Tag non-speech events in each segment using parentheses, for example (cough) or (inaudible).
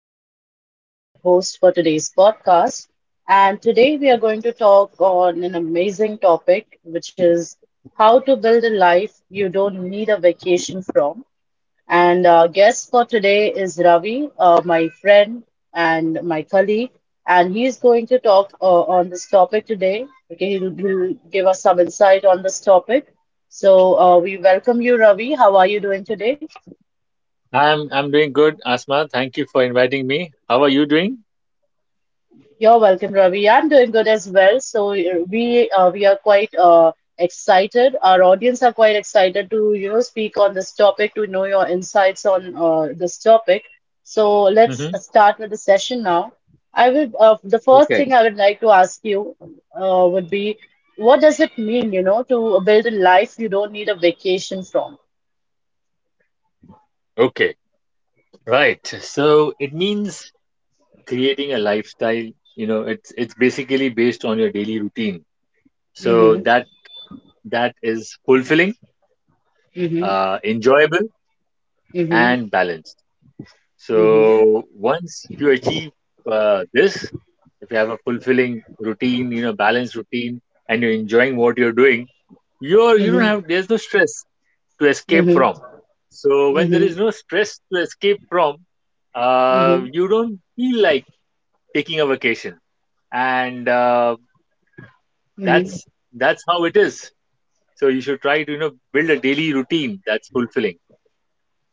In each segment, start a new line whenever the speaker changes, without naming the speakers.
is Asma, your host for today's podcast. And today we are going to talk on an amazing topic, which is how to build a life you don't need a vacation from. And our guest for today is Ravi, my friend and my colleague. And he's going to talk on this topic today. Okay, he'll give us some insight on this topic. So we welcome you, Ravi. How are you doing today?
I'm doing good, Asma. Thank you for inviting me. How are you doing?
You're welcome, Ravi. I'm doing good as well. So we are quite excited. Our audience are quite excited to speak on this topic, to know your insights on this topic. So let's
hmm
start with the session now. I will The first
Okay.
thing I would like to ask you would be what does it mean, to build a life you don't need a vacation from?
Okay. Right. So it means creating a lifestyle. You know, it's basically based on your daily routine. So
Mm-hmm,
that that is fulfilling,
mm-hmm,
enjoyable,
mm-hmm,
and balanced.
mm-hmm,
So once you achieve this, if you have a fulfilling routine, you know, balanced routine, and you're enjoying what you're doing, you don't
mm-hmm,
have there's no stress to escape
mm-hmm,
from. So when there is
mm-hmm,
no stress to escape from,
mm-hmm.
you don't feel like taking a vacation, and
Mm-hmm.
that's that's how it is. So you should try to you know build a daily routine that's fulfilling.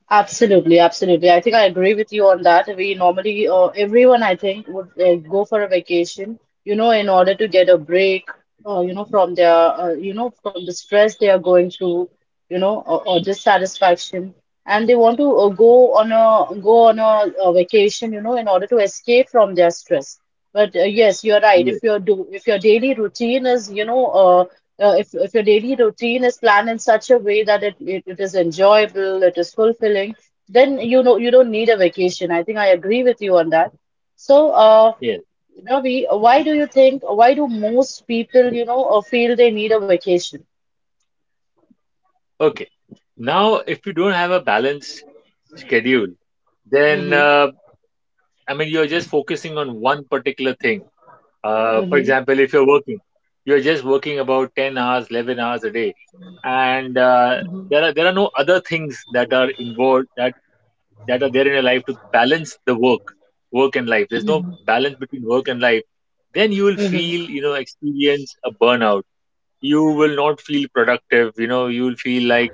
Absolutely, absolutely. I think I agree with you on that. We normally, everyone I think would go for a vacation, in order to get a break, from their, from the stress they are going through, or dissatisfaction, and they want to go on a vacation, in order to escape from their stress. But yes, you're right.
Yes,
If your daily routine is, if your daily routine is planned in such a way that it is enjoyable, it is fulfilling, then you don't need a vacation. I think I agree with you on that. So,
yes.
Ravi, why do most people, feel they need a vacation?
Okay. Now, if you don't have a balanced schedule, then
Mm-hmm,
I mean you're just focusing on one particular thing. For
mm-hmm,
example, if you're working, you're just working about 10 hours, 11 hours a day, and there are no other things that are involved that that are there in your life to balance the work, work and life. There's no balance between work and life. Then you will
mm-hmm,
feel, you know, experience a burnout. You will not feel productive. You know, you will feel like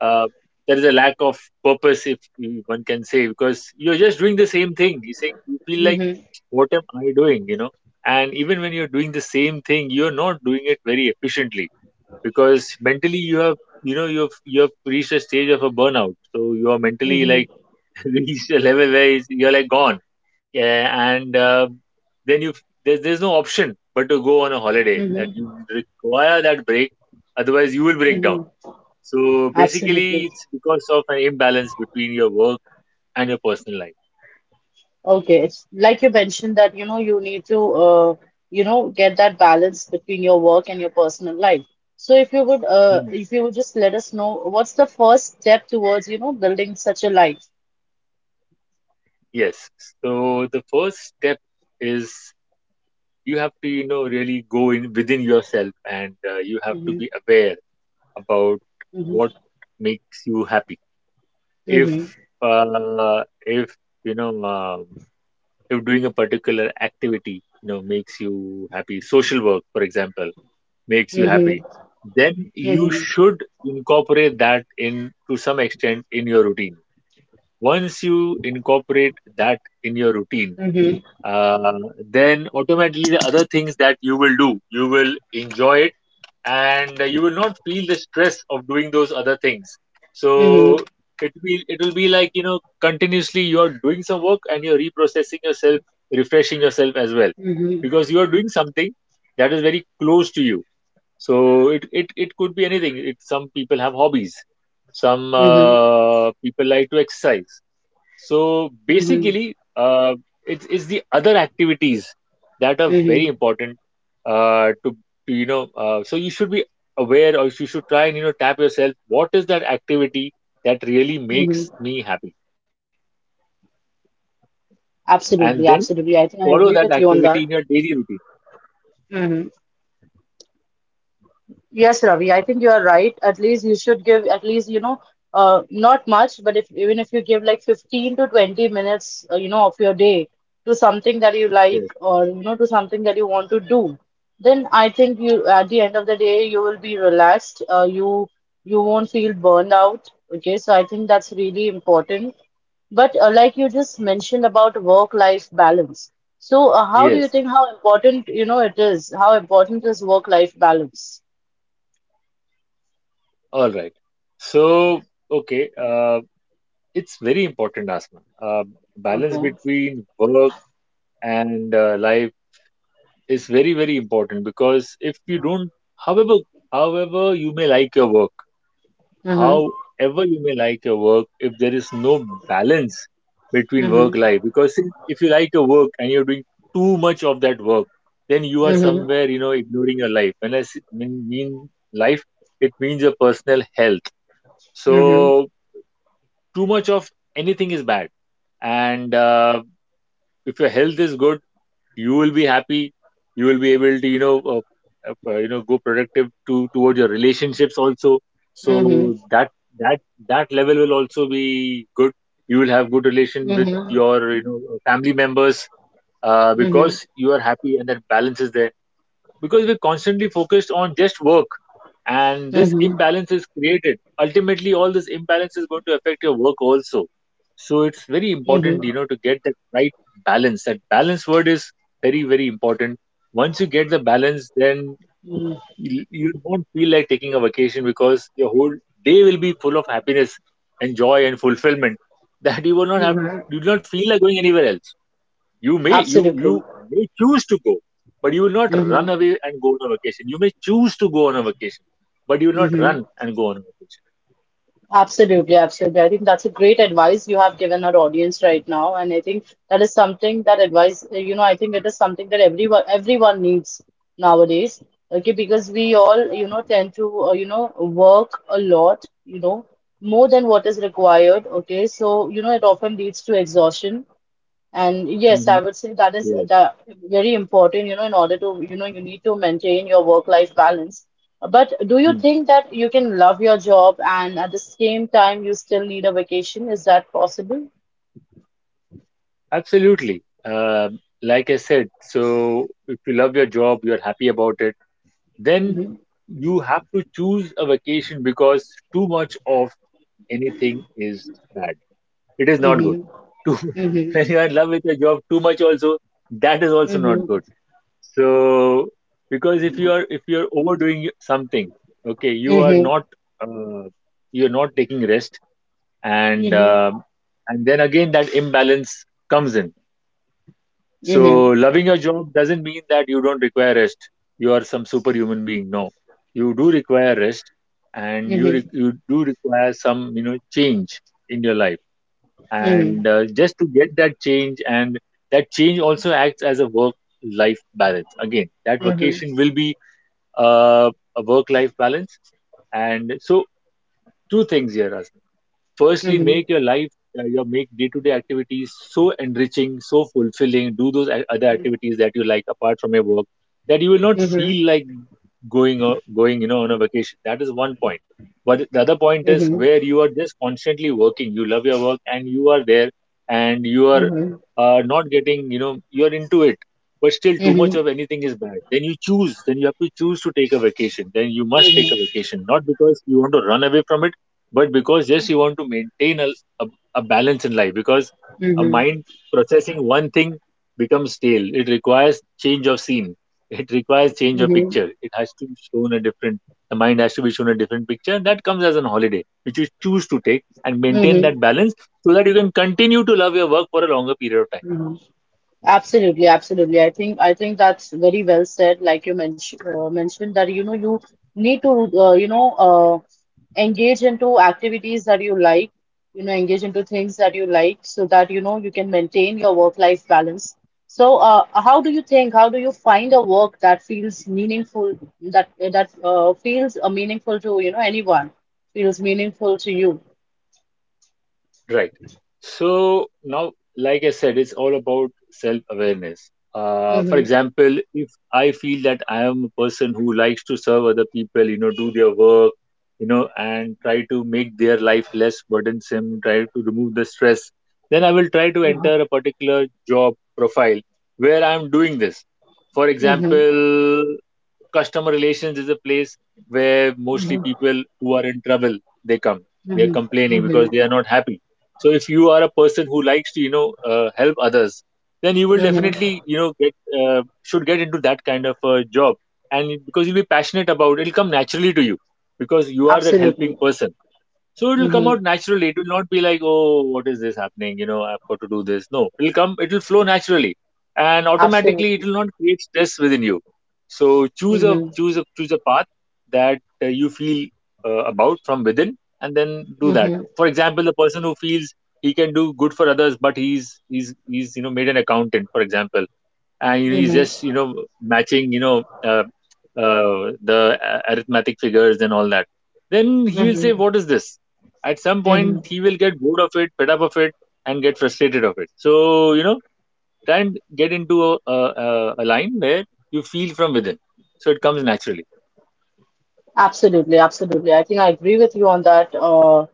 uh, there is a lack of purpose if you- one can say because you're just doing the same thing you say you feel like what am I doing you know. And even when you're doing the same thing you're not doing it very efficiently because mentally you have you know you have reached a stage of a burnout, so you are mentally
mm-hmm,
like (laughs) reached a level where you're like gone, yeah, and then you there's no option but to go on a holiday, that
mm-hmm,
you require that break, otherwise you will break down.
mm-hmm.
So
Absolutely.
basically, it's because of an imbalance between your work and your personal life.
Okay, it's like you mentioned that you need to get that balance between your work and your personal life. So
Hmm.
if you would just let us know what's the first step towards building such a life.
Yes. So the first step is you have to, you know, really go in within yourself, and you have to
Mm-hmm.
be aware about what
Mm-hmm.
makes you happy. If
Mm-hmm.
uh, if you know if doing a particular activity, you know, makes you happy, social work, for example, makes you
Mm-hmm.
happy, then you
Mm-hmm.
should incorporate that in to some extent in your routine. Once you incorporate that in your routine,
Mm-hmm.
uh, then automatically the other things that you will do, you will enjoy it and you will not feel the stress of doing those other things. So
Mm-hmm.
it will be like you know continuously you are doing some work and you're reprocessing yourself, refreshing yourself as well, because
Mm-hmm.
you are doing something that is very close to you. So it could be anything. It some people have hobbies, some
Mm-hmm.
people like to exercise. So basically, it's the other activities that are very
Mm-hmm.
important uh, to to you know. So you should be aware, or you should try and you know tap yourself. What is that activity that really makes
Mm-hmm.
me happy?
Absolutely,
And
absolutely.
then
I think I agree with
follow
you
that
on that.
activity in your daily routine.
Mm-hmm. Yes, Ravi, I think you are right. At least you should give at least, not much, but if even if you give like 15 to 20 minutes, of your day to something that you like
Yes.
or, to something that you want to do, then I think you at the end of the day you will be relaxed. You you won't feel burned out. Okay, so I think that's really important. But like you just mentioned about work-life balance. So
Yes.
how important, it is? How important is work-life balance?
All right. So okay. It's very important, Asma. Balance
Okay.
between work and life is very, very important because if you don't, however, however you may like your work,
Mm-hmm.
however you may like your work, if there is no balance between work
Mm-hmm.
life, because if you like your work and you're doing too much of that work, then you are
Mm-hmm.
somewhere, you know, ignoring your life. When mean life, it means your personal health. So
Mm-hmm.
too much of anything is bad, and if your health is good, you will be happy, you will be able to you know go productive to towards your relationships also,
Mm-hmm.
so that that that level will also be good, you will have good relation with
Mm-hmm.
your you know family members,
Mm-hmm.
because you are happy and that balance is there because we're constantly focused on just work and this
Mm-hmm.
imbalance is created, ultimately all this imbalance is going to affect your work also. So it's very
Mm-hmm.
important you know to get that right balance. That balance word is very, very important. Once you get the balance, then you won't feel like taking a vacation, because your whole day will be full of happiness and joy and fulfillment (laughs) that you will not have,
Mm-hmm.
you do not feel like going anywhere else. You
Absolutely.
may choose to go, but you will not
Mm-hmm.
run away and go on a vacation. You may choose to go on a vacation, but you will not
Mm-hmm.
run and go on a vacation.
Absolutely, absolutely. I think that's a great advice you have given our audience right now, and I think that is something that advice, I think it is something that everyone needs nowadays. Okay, because we all, tend to, work a lot, more than what is required. Okay, so, it often leads to exhaustion. And yes,
Mm-hmm.
I would say that is
Yes.
that very important, in order to, you need to maintain your work-life balance. But do you
Mm.
think that you can love your job and at the same time you still need a vacation? Is that possible?
Absolutely. Like I said, so if you love your job, you're happy about it, then
Mm-hmm.
you have to choose a vacation because too much of anything is bad. It is not good.
Mm-hmm.
Too, (laughs)
Mm-hmm.
when you are in love with your job, too much also, that is also
Mm-hmm.
not good. So because if you are overdoing something, okay,
Mm-hmm.
uh, you are not taking rest, and
Mm-hmm.
um and then again that imbalance comes in.
Mm-hmm.
So loving your job doesn't mean that you don't require rest, you are some superhuman being, no, you do require rest, and
Mm-hmm.
you do require some you know change in your life,
Mm-hmm. Mm-hmm. Mm-hmm.
and just to get that change, and that change also acts as a work life balance. Again that
Mm-hmm.
vacation will be uh, a work life balance. And so two things here, Asma. Firstly,
Mm-hmm.
make your life your make day-to-day activities so enriching, so fulfilling, do those other activities that you like apart from your work, that you will not feel like going you know on a vacation. That is one point. But the other point is where you are just constantly working, you love your work and you are there and you are not getting you know you're into it, but still too much of anything is bad, then you choose, then you have to choose to take a vacation, then you must take a vacation, not because you want to run away from it, but because just you want to maintain a, a balance in life, because a
Mm-hmm.
mind processing one thing becomes stale, it requires change of scene, (laughs) it requires change of
Mm-hmm.
picture, it has to be shown a different, the mind has to be shown a different picture, and that comes as an holiday which you choose to take and maintain
Mm-hmm.
that balance, so that you can continue to love your work for a longer period of time.
Mm-hmm. Absolutely, absolutely. I think that's very well said. Like you mentioned, that you need to uh, engage into activities that you like, engage into things that you like, so that you can maintain your work-life balance. So, how do you think? How do you find a work that feels meaningful, that feels meaningful to anyone, feels meaningful to you?
Right. So now, like I said, it's all about self awareness. For
Mm-hmm,
example, if I feel that I am a person who likes to serve other people, you know, do their work, you know, and try to make their life less burdensome, try to remove the stress, then I will try to
mm-hmm,
enter a particular job profile where I'm doing this. For
mm-hmm,
example, customer relations is a place where mostly
mm-hmm,
people who are in trouble they come, they are
mm-hmm,
complaining because
mm-hmm.
they are not happy. So if you are a person who likes to you know help others, then you will
Mm-hmm.
definitely you know get should get into that kind of a job, and because you'll be passionate about it, it'll come naturally to you because you are that helping
Absolutely.
person, so it'll come
Mm-hmm.
out naturally. It will not be like, oh, what is this happening? You know, I've got to do this. No, it'll come, it'll flow naturally, and automatically, it
Absolutely.
will not create stress within you. So choose a
Mm-hmm.
choose a choose a path that you feel about from within, and then do that.
Mm-hmm.
For example, the person who feels he can do good for others, but he's you know made an accountant, for example, and you know, he's
Mm-hmm.
just you know matching you know the arithmetic figures and all that, then he'll say
Mm-hmm.
what is this, at some point
Mm-hmm.
he will get bored of it, fed up of it, and get frustrated of it. So you know try and get into a line where you feel from within, so it comes naturally.
Absolutely. Absolutely. I think I agree with you on that,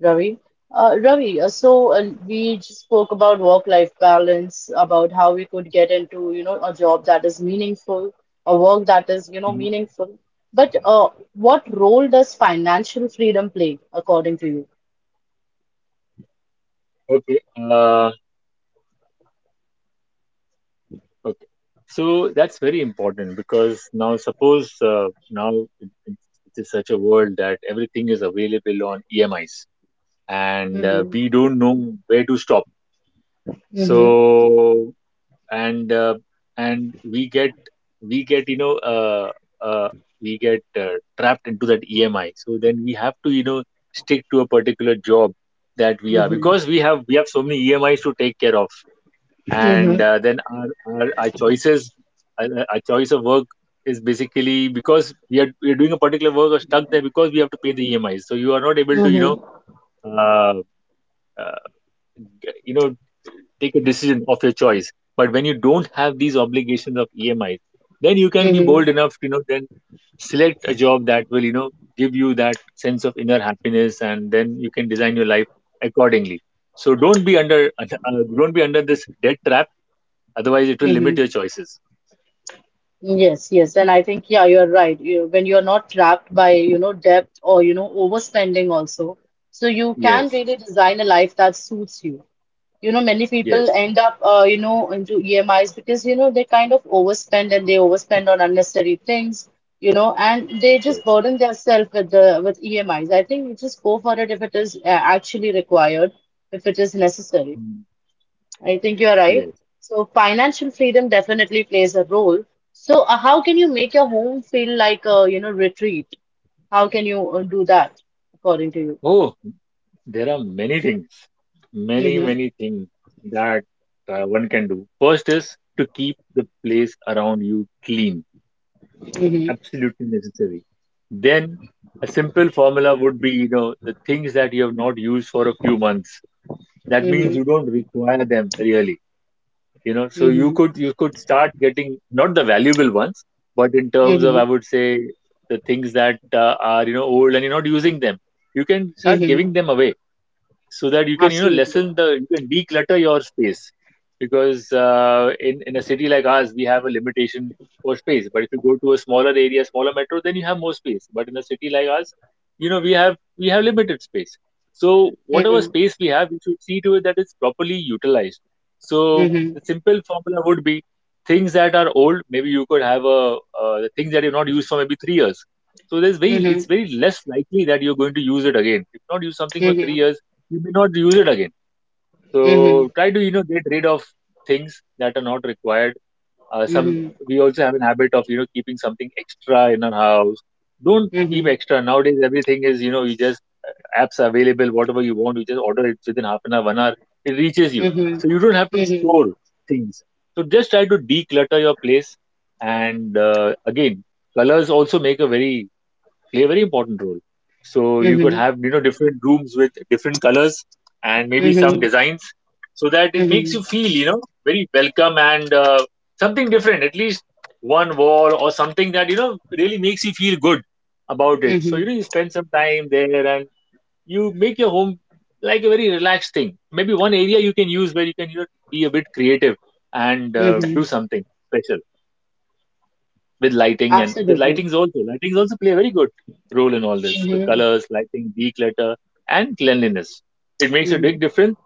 Ravi. Ravi, we just spoke about work-life balance, about how we could get into, a job that is meaningful, a work that is,
Mhm.
meaningful. But what role does financial freedom play, according to you?
okay uh, okay, so that's very important because now suppose now it, it, it is such a world that everything is available on emis, and
Mm-hmm.
we don't know where to stop.
Mm-hmm.
so and and we get, uh, we get trapped into that EMI. So then we have to, you know, stick to a particular job that we are,
Mm-hmm.
because we have so many EMIs to take care of. And
Mm-hmm.
then our choices, our choice of work is basically because we are doing a particular work, or stuck there, because we have to pay the EMIs. So you are not able to, you know,
Mm-hmm.
uh, uh, you know, take a decision of your choice. But when you don't have these obligations of emis, then you can be
Mm-hmm.
bold enough to, you know, then select a job that will, you know, give you that sense of inner happiness, and then you can design your life accordingly. So don't be under (laughs) don't be under this debt trap, otherwise it will
Mm-hmm.
limit your choices.
Yes, yes, and I think yeah, you're right. You When you're not trapped by debt or overspending also, so you can
Yes.
really design a life that suits you. Many people
Yes,
end up into EMIs because they kind of overspend and they overspend on unnecessary things. And they just
yes.
burden themselves with the with EMIs. I think you just go for it if it is actually required, if it is necessary.
Mm.
I think you're right.
Yes.
So financial freedom definitely plays a role. So how can you make your home feel like a, retreat? How can you do that according to you?
Oh, there are many things, many, many things that one can do. First is to keep the place around you clean,
Mm-hmm, mm-hmm,
absolutely necessary. Then a simple formula would be, you know, the things that you have not used for a few months. That means
mm-hmm,
you don't require them really, you know. So you
mm-hmm,
could you could start getting, not the valuable ones, but in terms of,
mm-hmm,
I would say, the things that are, you know, old and you're not using them. You can start
mm-hmm.
giving them away, so that you can, you know,
Absolutely.
lessen the — you can declutter your space. Because in a city like ours, we have a limitation for space. But if you go to a smaller area, smaller metro, then you have more space. But in a city like ours, you know, we have limited space. So whatever
Mm-hmm,
space we have, we should see to it that it's properly utilized. So
mm-hmm,
the simple formula would be, things that are old, maybe you could have a — the things that you've not used for maybe 3 years, so there's very
mm-hmm,
it's very less likely that you're going to use it again. If not use something for three
mm-hmm,
years, you may not use it again.
mm-hmm,
So try to, you know, get rid of things that are not required. Some
mm-hmm,
We also have an habit of, you know, keeping something extra in our house. Don't
mm-hmm, mm-hmm,
keep
mm-hmm,
extra nowadays. Everything is, you know, you just — uh, apps are available. Whatever you want, you just order it within half an hour, one hour. It reaches you,
mm-hmm,
so you don't have to store things. So just try to declutter your place. And again, colors also make a very play a very important role. So you could have, you know, different rooms with different colors and maybe some
mm-hmm,
designs, so that it makes you
mm-hmm,
feel, you know, very welcome and something different. At least one wall or something, that, you know, really makes you feel good about it. So, you
mm-hmm.
know, you spend some time there, and you make your home like a very relaxed thing. Maybe one area you can use, where you can, you know, be a bit creative and do
Mm-hmm.
something special with lighting, and with
Absolutely.
lightings also. Lightings also play a very good role in all this. The
Mm-hmm,
colors, lighting, declutter, and cleanliness. It makes a
mm-hmm,
big difference.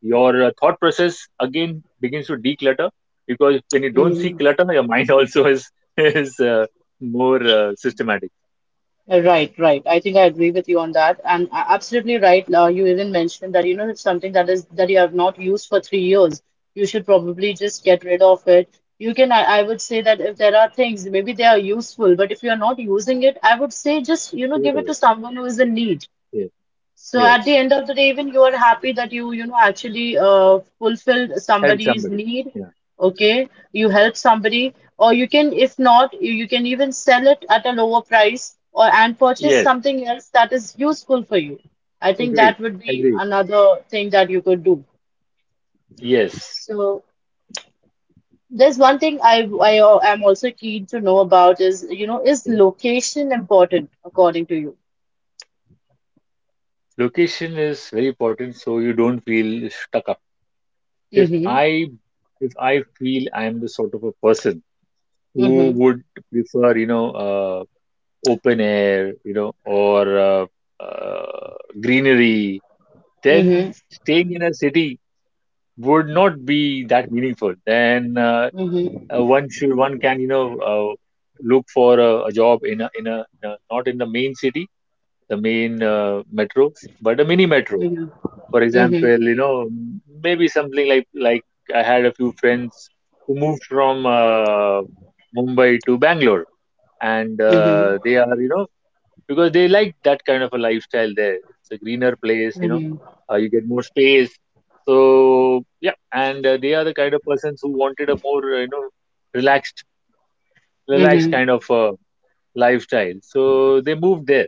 Your thought process again begins to declutter, because when you don't see
mm-hmm.
clutter, (laughs) your mind also is (laughs) is more systematic.
Right, right. I think I agree with you on that. And absolutely right. You even mentioned that, if something that is that you have not used for 3 years, you should probably just get rid of it. I would say that if there are things, maybe they are useful, but if you are not using it, I would say just,
Give it
give it
away.
to someone who is in need.
Yes,
So at the
yes.
end of the day, even you are happy that you, actually fulfilled
Help
somebody's
somebody.
need,
Yeah.
okay? You help somebody, or you can, if not, you can even sell it at a lower price or and purchase
Yes.
something else that is useful for you. I think
Agreed.
that would be
Agreed.
another thing that you could do.
Yes.
So there's one thing I am also keen to know about is, is
Yeah.
location important according to you?
Location is very important, so you don't feel stuck up. if
Mm-hmm.
I if I feel I'm the sort of a person who
Mm-hmm.
would prefer, you know, open air, you know, or uh, greenery,
Mm-hmm.
then staying in a city would not be that meaningful. Then
Mm-hmm.
one can, you know, look for a job in a, in a in a not in the main city, the main metro, but a mini metro, for
Mm-hmm.
example, you know. Maybe something like — I had a few friends who moved from Mumbai to Bangalore, and
Mhm,
they are, you know, because they like that kind of a lifestyle there. It's a greener place, you know.
mhm,
You get more space. So yeah. And they are the kind of persons who wanted a more, you know, relaxed relaxed
mhm,
kind of lifestyle, so they moved there.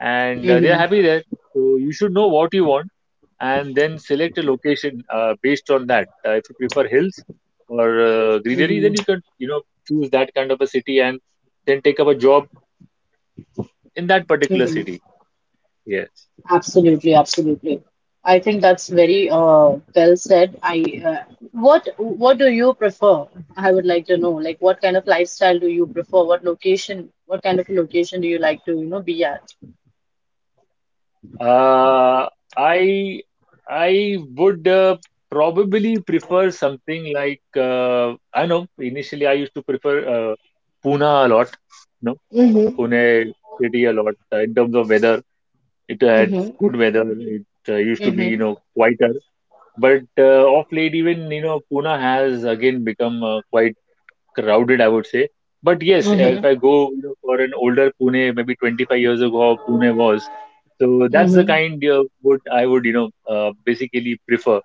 And they are
mhm,
happy there. So you should know what you want, and then select a location based on that. If you prefer hills or greenery, then
mhm,
you can, you know, choose that kind of a city and then take up a job in that particular
mhm.
city. Yes.
Absolutely, absolutely. I think that's very well said. I uh, what do you prefer? I would like to know, like what kind of lifestyle do you prefer? What location? What kind of location do you like to, be at?
Uh, I I would probably prefer something like — I know, initially I used to prefer uh, Pune a lot, you know,
Mm-hmm.
Pune city a lot, in terms of weather. It had
Mm-hmm.
good weather. It used to be, you
Mm-hmm.
know, quieter. But of late, even, you know, Pune has again become quite crowded, I would say. But yes, if
Mm-hmm.
I go, you know, for an older Pune, maybe 25 years ago, how Pune was. So that's the
Mm-hmm.
kind of would I would, you know, basically prefer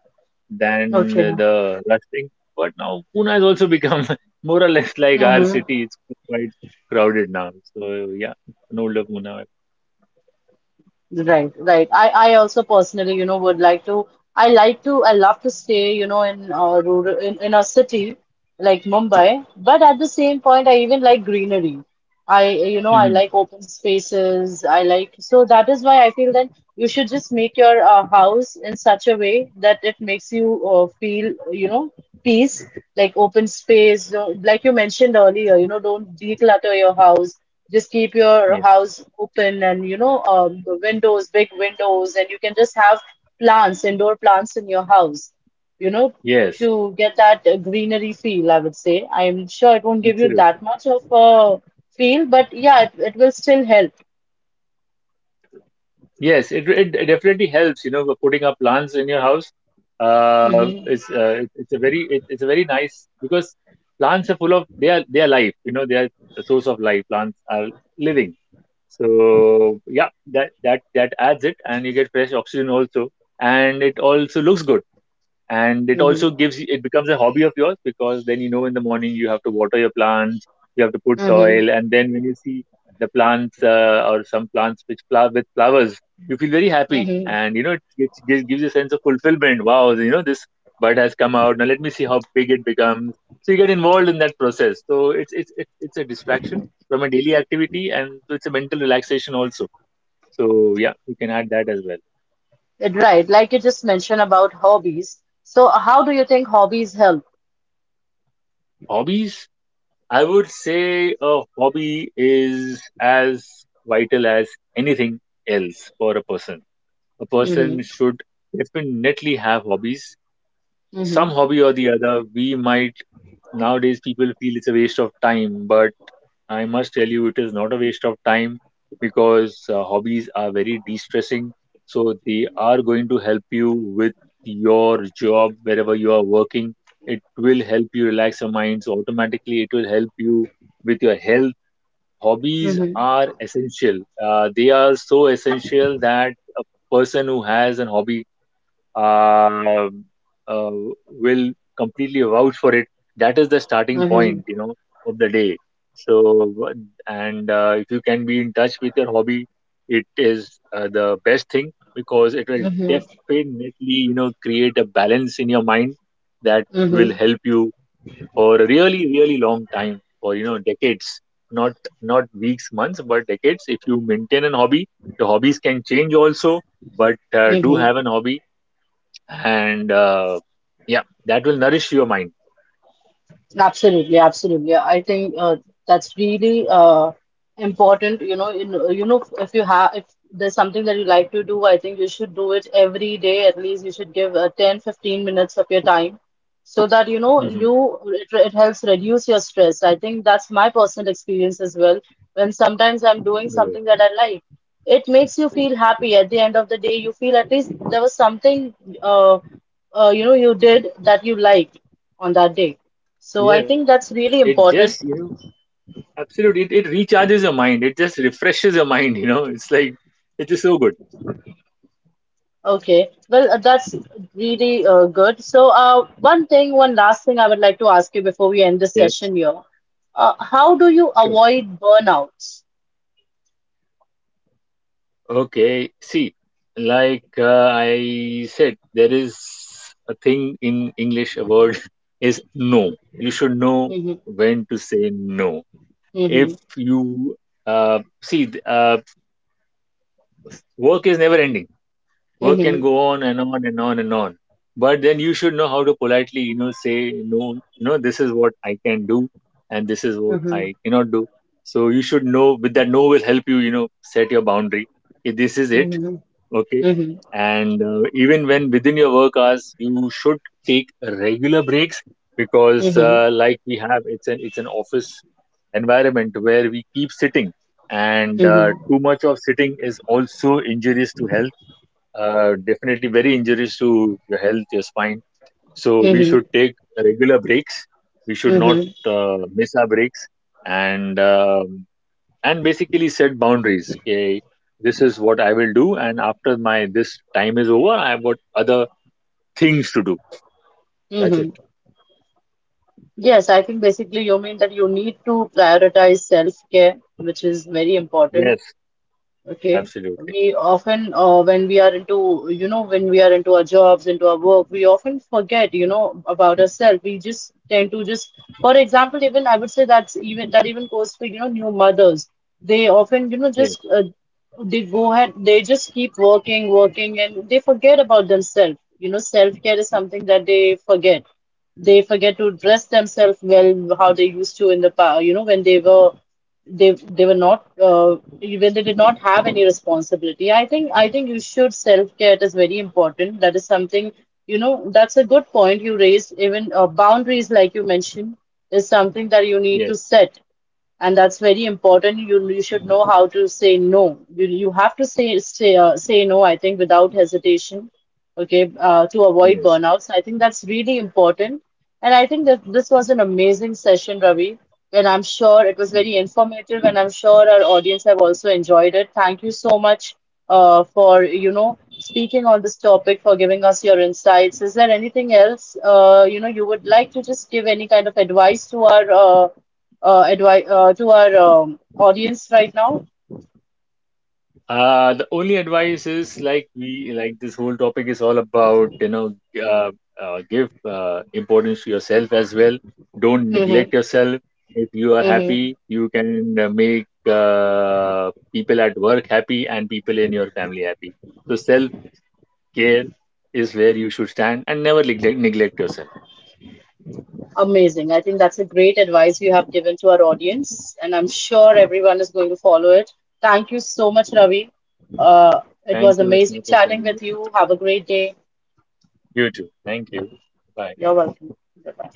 than
Okay.
the rush thing. But now Pune has also become (laughs) more or less like our
Mm-hmm.
city. It's quite crowded now. So yeah, an older Pune.
Right, right. I also personally, would like to, I love to stay, in a rural, in a city like Mumbai, but at the same point, I even like greenery. I
Mhm.
like open spaces. So that is why I feel that you should just make your house in such a way that it makes you feel, peace, like open space. Like you mentioned earlier, don't declutter your house. Just keep
(laughs)
your
Yeah.
house open, and the windows big windows, and you can just have plants indoor plants in your house, you know
Yes.
to get that greenery feel. I would say I'm sure it won't give you
Absolutely.
that much of a feel, but yeah, it will still help.
Yes, it definitely helps, you know, with putting up plants in your house.
Hmm.
It's a very nice, because plants are full of they are life, you know. They are a source of life. Plants are living, so yeah, that adds it. And you get fresh oxygen also, and it also looks good, and it
Hmm.
also gives it becomes a hobby of yours, because then, you know, in the morning you have to water your plants, you have to put
Hmm.
soil. And then when you see the plants, or some plants which flower, with flowers, you feel very happy.
Hmm.
And you know, it gives, gives gives you a sense of fulfillment. Wow, you know, this bud has come out, now let me see how big it becomes. So you get involved in that process, so it's a distraction from a daily activity, and so it's a mental relaxation also. So yeah, you can add that as well.
Right, like you just mentioned about hobbies, so how do you think hobbies help?
Hobbies. I would say a hobby is as vital as anything else for a person. A person
Hmm.
should definitely have hobbies, some
Hmm.
hobby or the other. We might Nowadays people feel it's a waste of time, but I must tell you, it is not a waste of time, because hobbies are very de-stressing. So they are going to help you with your job, wherever you are working. It will help you relax your minds. Automatically, it will help you with your health. Hobbies
Hmm.
are essential. They are so essential, that a person who has an hobby uh, uh, will completely vouch for it. That is the starting
Hmm.
point, you know, of the day. So, and if you can be in touch with your hobby, it is the best thing, because it will
Hmm.
definitely, you know, create a balance in your mind that will
Hmm.
help you for a really, really long time, for, you know, decades, not not weeks, months, but decades. If you maintain an hobby, your hobbies can change also, but do
Hmm.
have an hobby. And yeah, that will nourish your mind.
Absolutely, absolutely. I think that's really important. If there's something that you like to do, I think you should do it every day. At least you should give 10, 15 minutes of your time so that
Hmm.
you it helps reduce your stress. I think that's my personal experience as well. When sometimes I'm doing something that I like, it makes you feel happy. At the end of the day, you feel at least there was something, uh, you did that you liked on that day. So
Yes,
I think that's
yes,
really
it
important.
just, you know, absolutely — it recharges your mind. It just refreshes your mind, (laughs) you know, it's like, it is so good.
Okay, well, that's really good. So one last thing I would like to ask you before we end this
Yes.
session here. How do you
Sure.
avoid burnouts?
Okay, see, like, I said, there is a thing in English, a word, (laughs) is no. You should know
Mm-hmm.
when to say no. if
Mhm.
you see th- work is never ending. Work can
Mhm.
go on and on and on and on. But then you should know how to politely, you know, say no, you know, this is what I can do, and this is what
Mhm.
I cannot do. So you should know, with that, no will help you, you know, set your boundary. Okay, this is it.
Mhm.
Okay.
Mhm.
And even when within your work hours, you should take regular breaks, because
Mhm.
like we have, it's an office environment where we keep sitting. And
Mhm.
too much of sitting is also injurious to health, definitely very injurious to your health, your spine. So we
Mhm.
should take regular breaks. We should not
Mhm.
miss our breaks, and um, and basically set boundaries. Okay, this is what I will do, and after my this time is over, I have got other things to do. That's it.
Mhm. Yes, I think basically you mean that you need to prioritize self-care, which is very important.
Yes,
Okay.
absolutely.
When we are into, you know, when we are into our jobs, into our work, we often forget, about ourselves. We just tend to just, for example, even I would say that even goes for, new mothers. They often,
Yes,
just they go ahead, they just keep working, working, and they forget about themselves. Self-care is something that they forget. They forget to dress themselves well, how they used to in the past, when they were not when they did not have any responsibility. I think you should self care is very important, that is something that's a good point you raised. Even boundaries, like you mentioned, is something that you need
yes,
to set, and that's very important. You should know how to say no. You have to say no, I think, without hesitation. Okay, to avoid
yes.
burnouts, I think that's really important. And I think that this was an amazing session, Ravi, and I'm sure it was very
Mm-hmm.
informative, and I'm sure our audience have also enjoyed it. Thank you so much for, speaking on this topic, for giving us your insights. Is there anything else, you would like to just give any kind of advice to our advi to our audience right now?
The only advice is, like we like this whole topic is all about, you know, uh, give importance to yourself as well. Don't
Mm-hmm.
neglect yourself. If you are
Mm-hmm.
happy, you can make people at work happy, and people in your family happy. So self care is where you should stand, and never neglect yourself.
Amazing. I think that's a great advice you have given to our audience, and I'm sure everyone is going to follow it. Thank you so much, Ravi. Uh, it was
Thank you,
amazing
Asma, for
chatting
calling me.
with you. Have a great day.
You too. Thank you. Bye.
You're welcome. Goodbye.